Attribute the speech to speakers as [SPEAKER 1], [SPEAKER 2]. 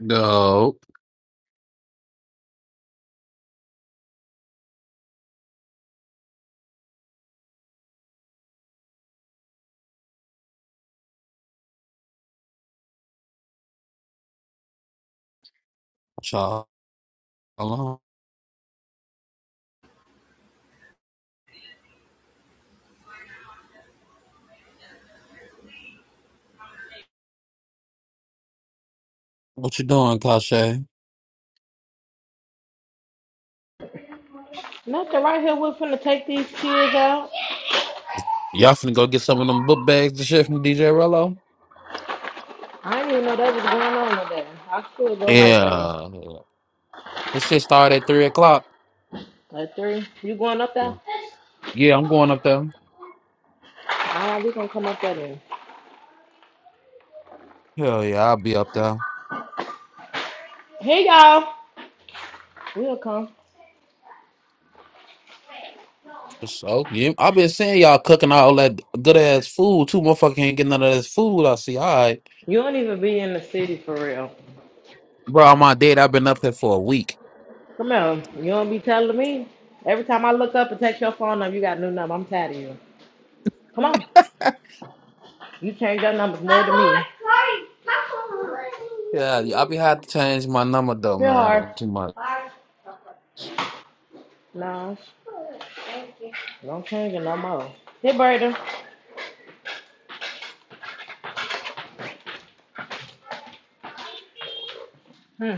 [SPEAKER 1] No. Child. What you doing, Kasha?
[SPEAKER 2] Nothing right here. We're finna take these kids out.
[SPEAKER 1] Y'all finna go get some of them book bags and shit from DJ Rello?
[SPEAKER 2] I didn't even know that was going on today. I still go right though.
[SPEAKER 1] Yeah. This shit started at 3 o'clock.
[SPEAKER 2] At three. You going up there?
[SPEAKER 1] Yeah, I'm going up there.
[SPEAKER 2] Ah, we gonna come up there then.
[SPEAKER 1] Hell yeah, I'll be up there.
[SPEAKER 2] Hey y'all. We'll come.
[SPEAKER 1] For sure. Yeah, I've been seeing y'all cooking all that good ass food. Two motherfuckers ain't getting none of this food. I see. All right.
[SPEAKER 2] You don't even be in the city for real.
[SPEAKER 1] Bro, on my date, I've been up here for a week.
[SPEAKER 2] Come on. You don't be telling me. Every time I look up and text your phone number, you got a new number. I'm tired of you. Come on. You change your numbers more than me.
[SPEAKER 1] Yeah, I be had to change my number though,
[SPEAKER 2] Feel hard.
[SPEAKER 1] man. Too much.
[SPEAKER 2] Nah. Don't change it no more. Hey Brayden. Hmm.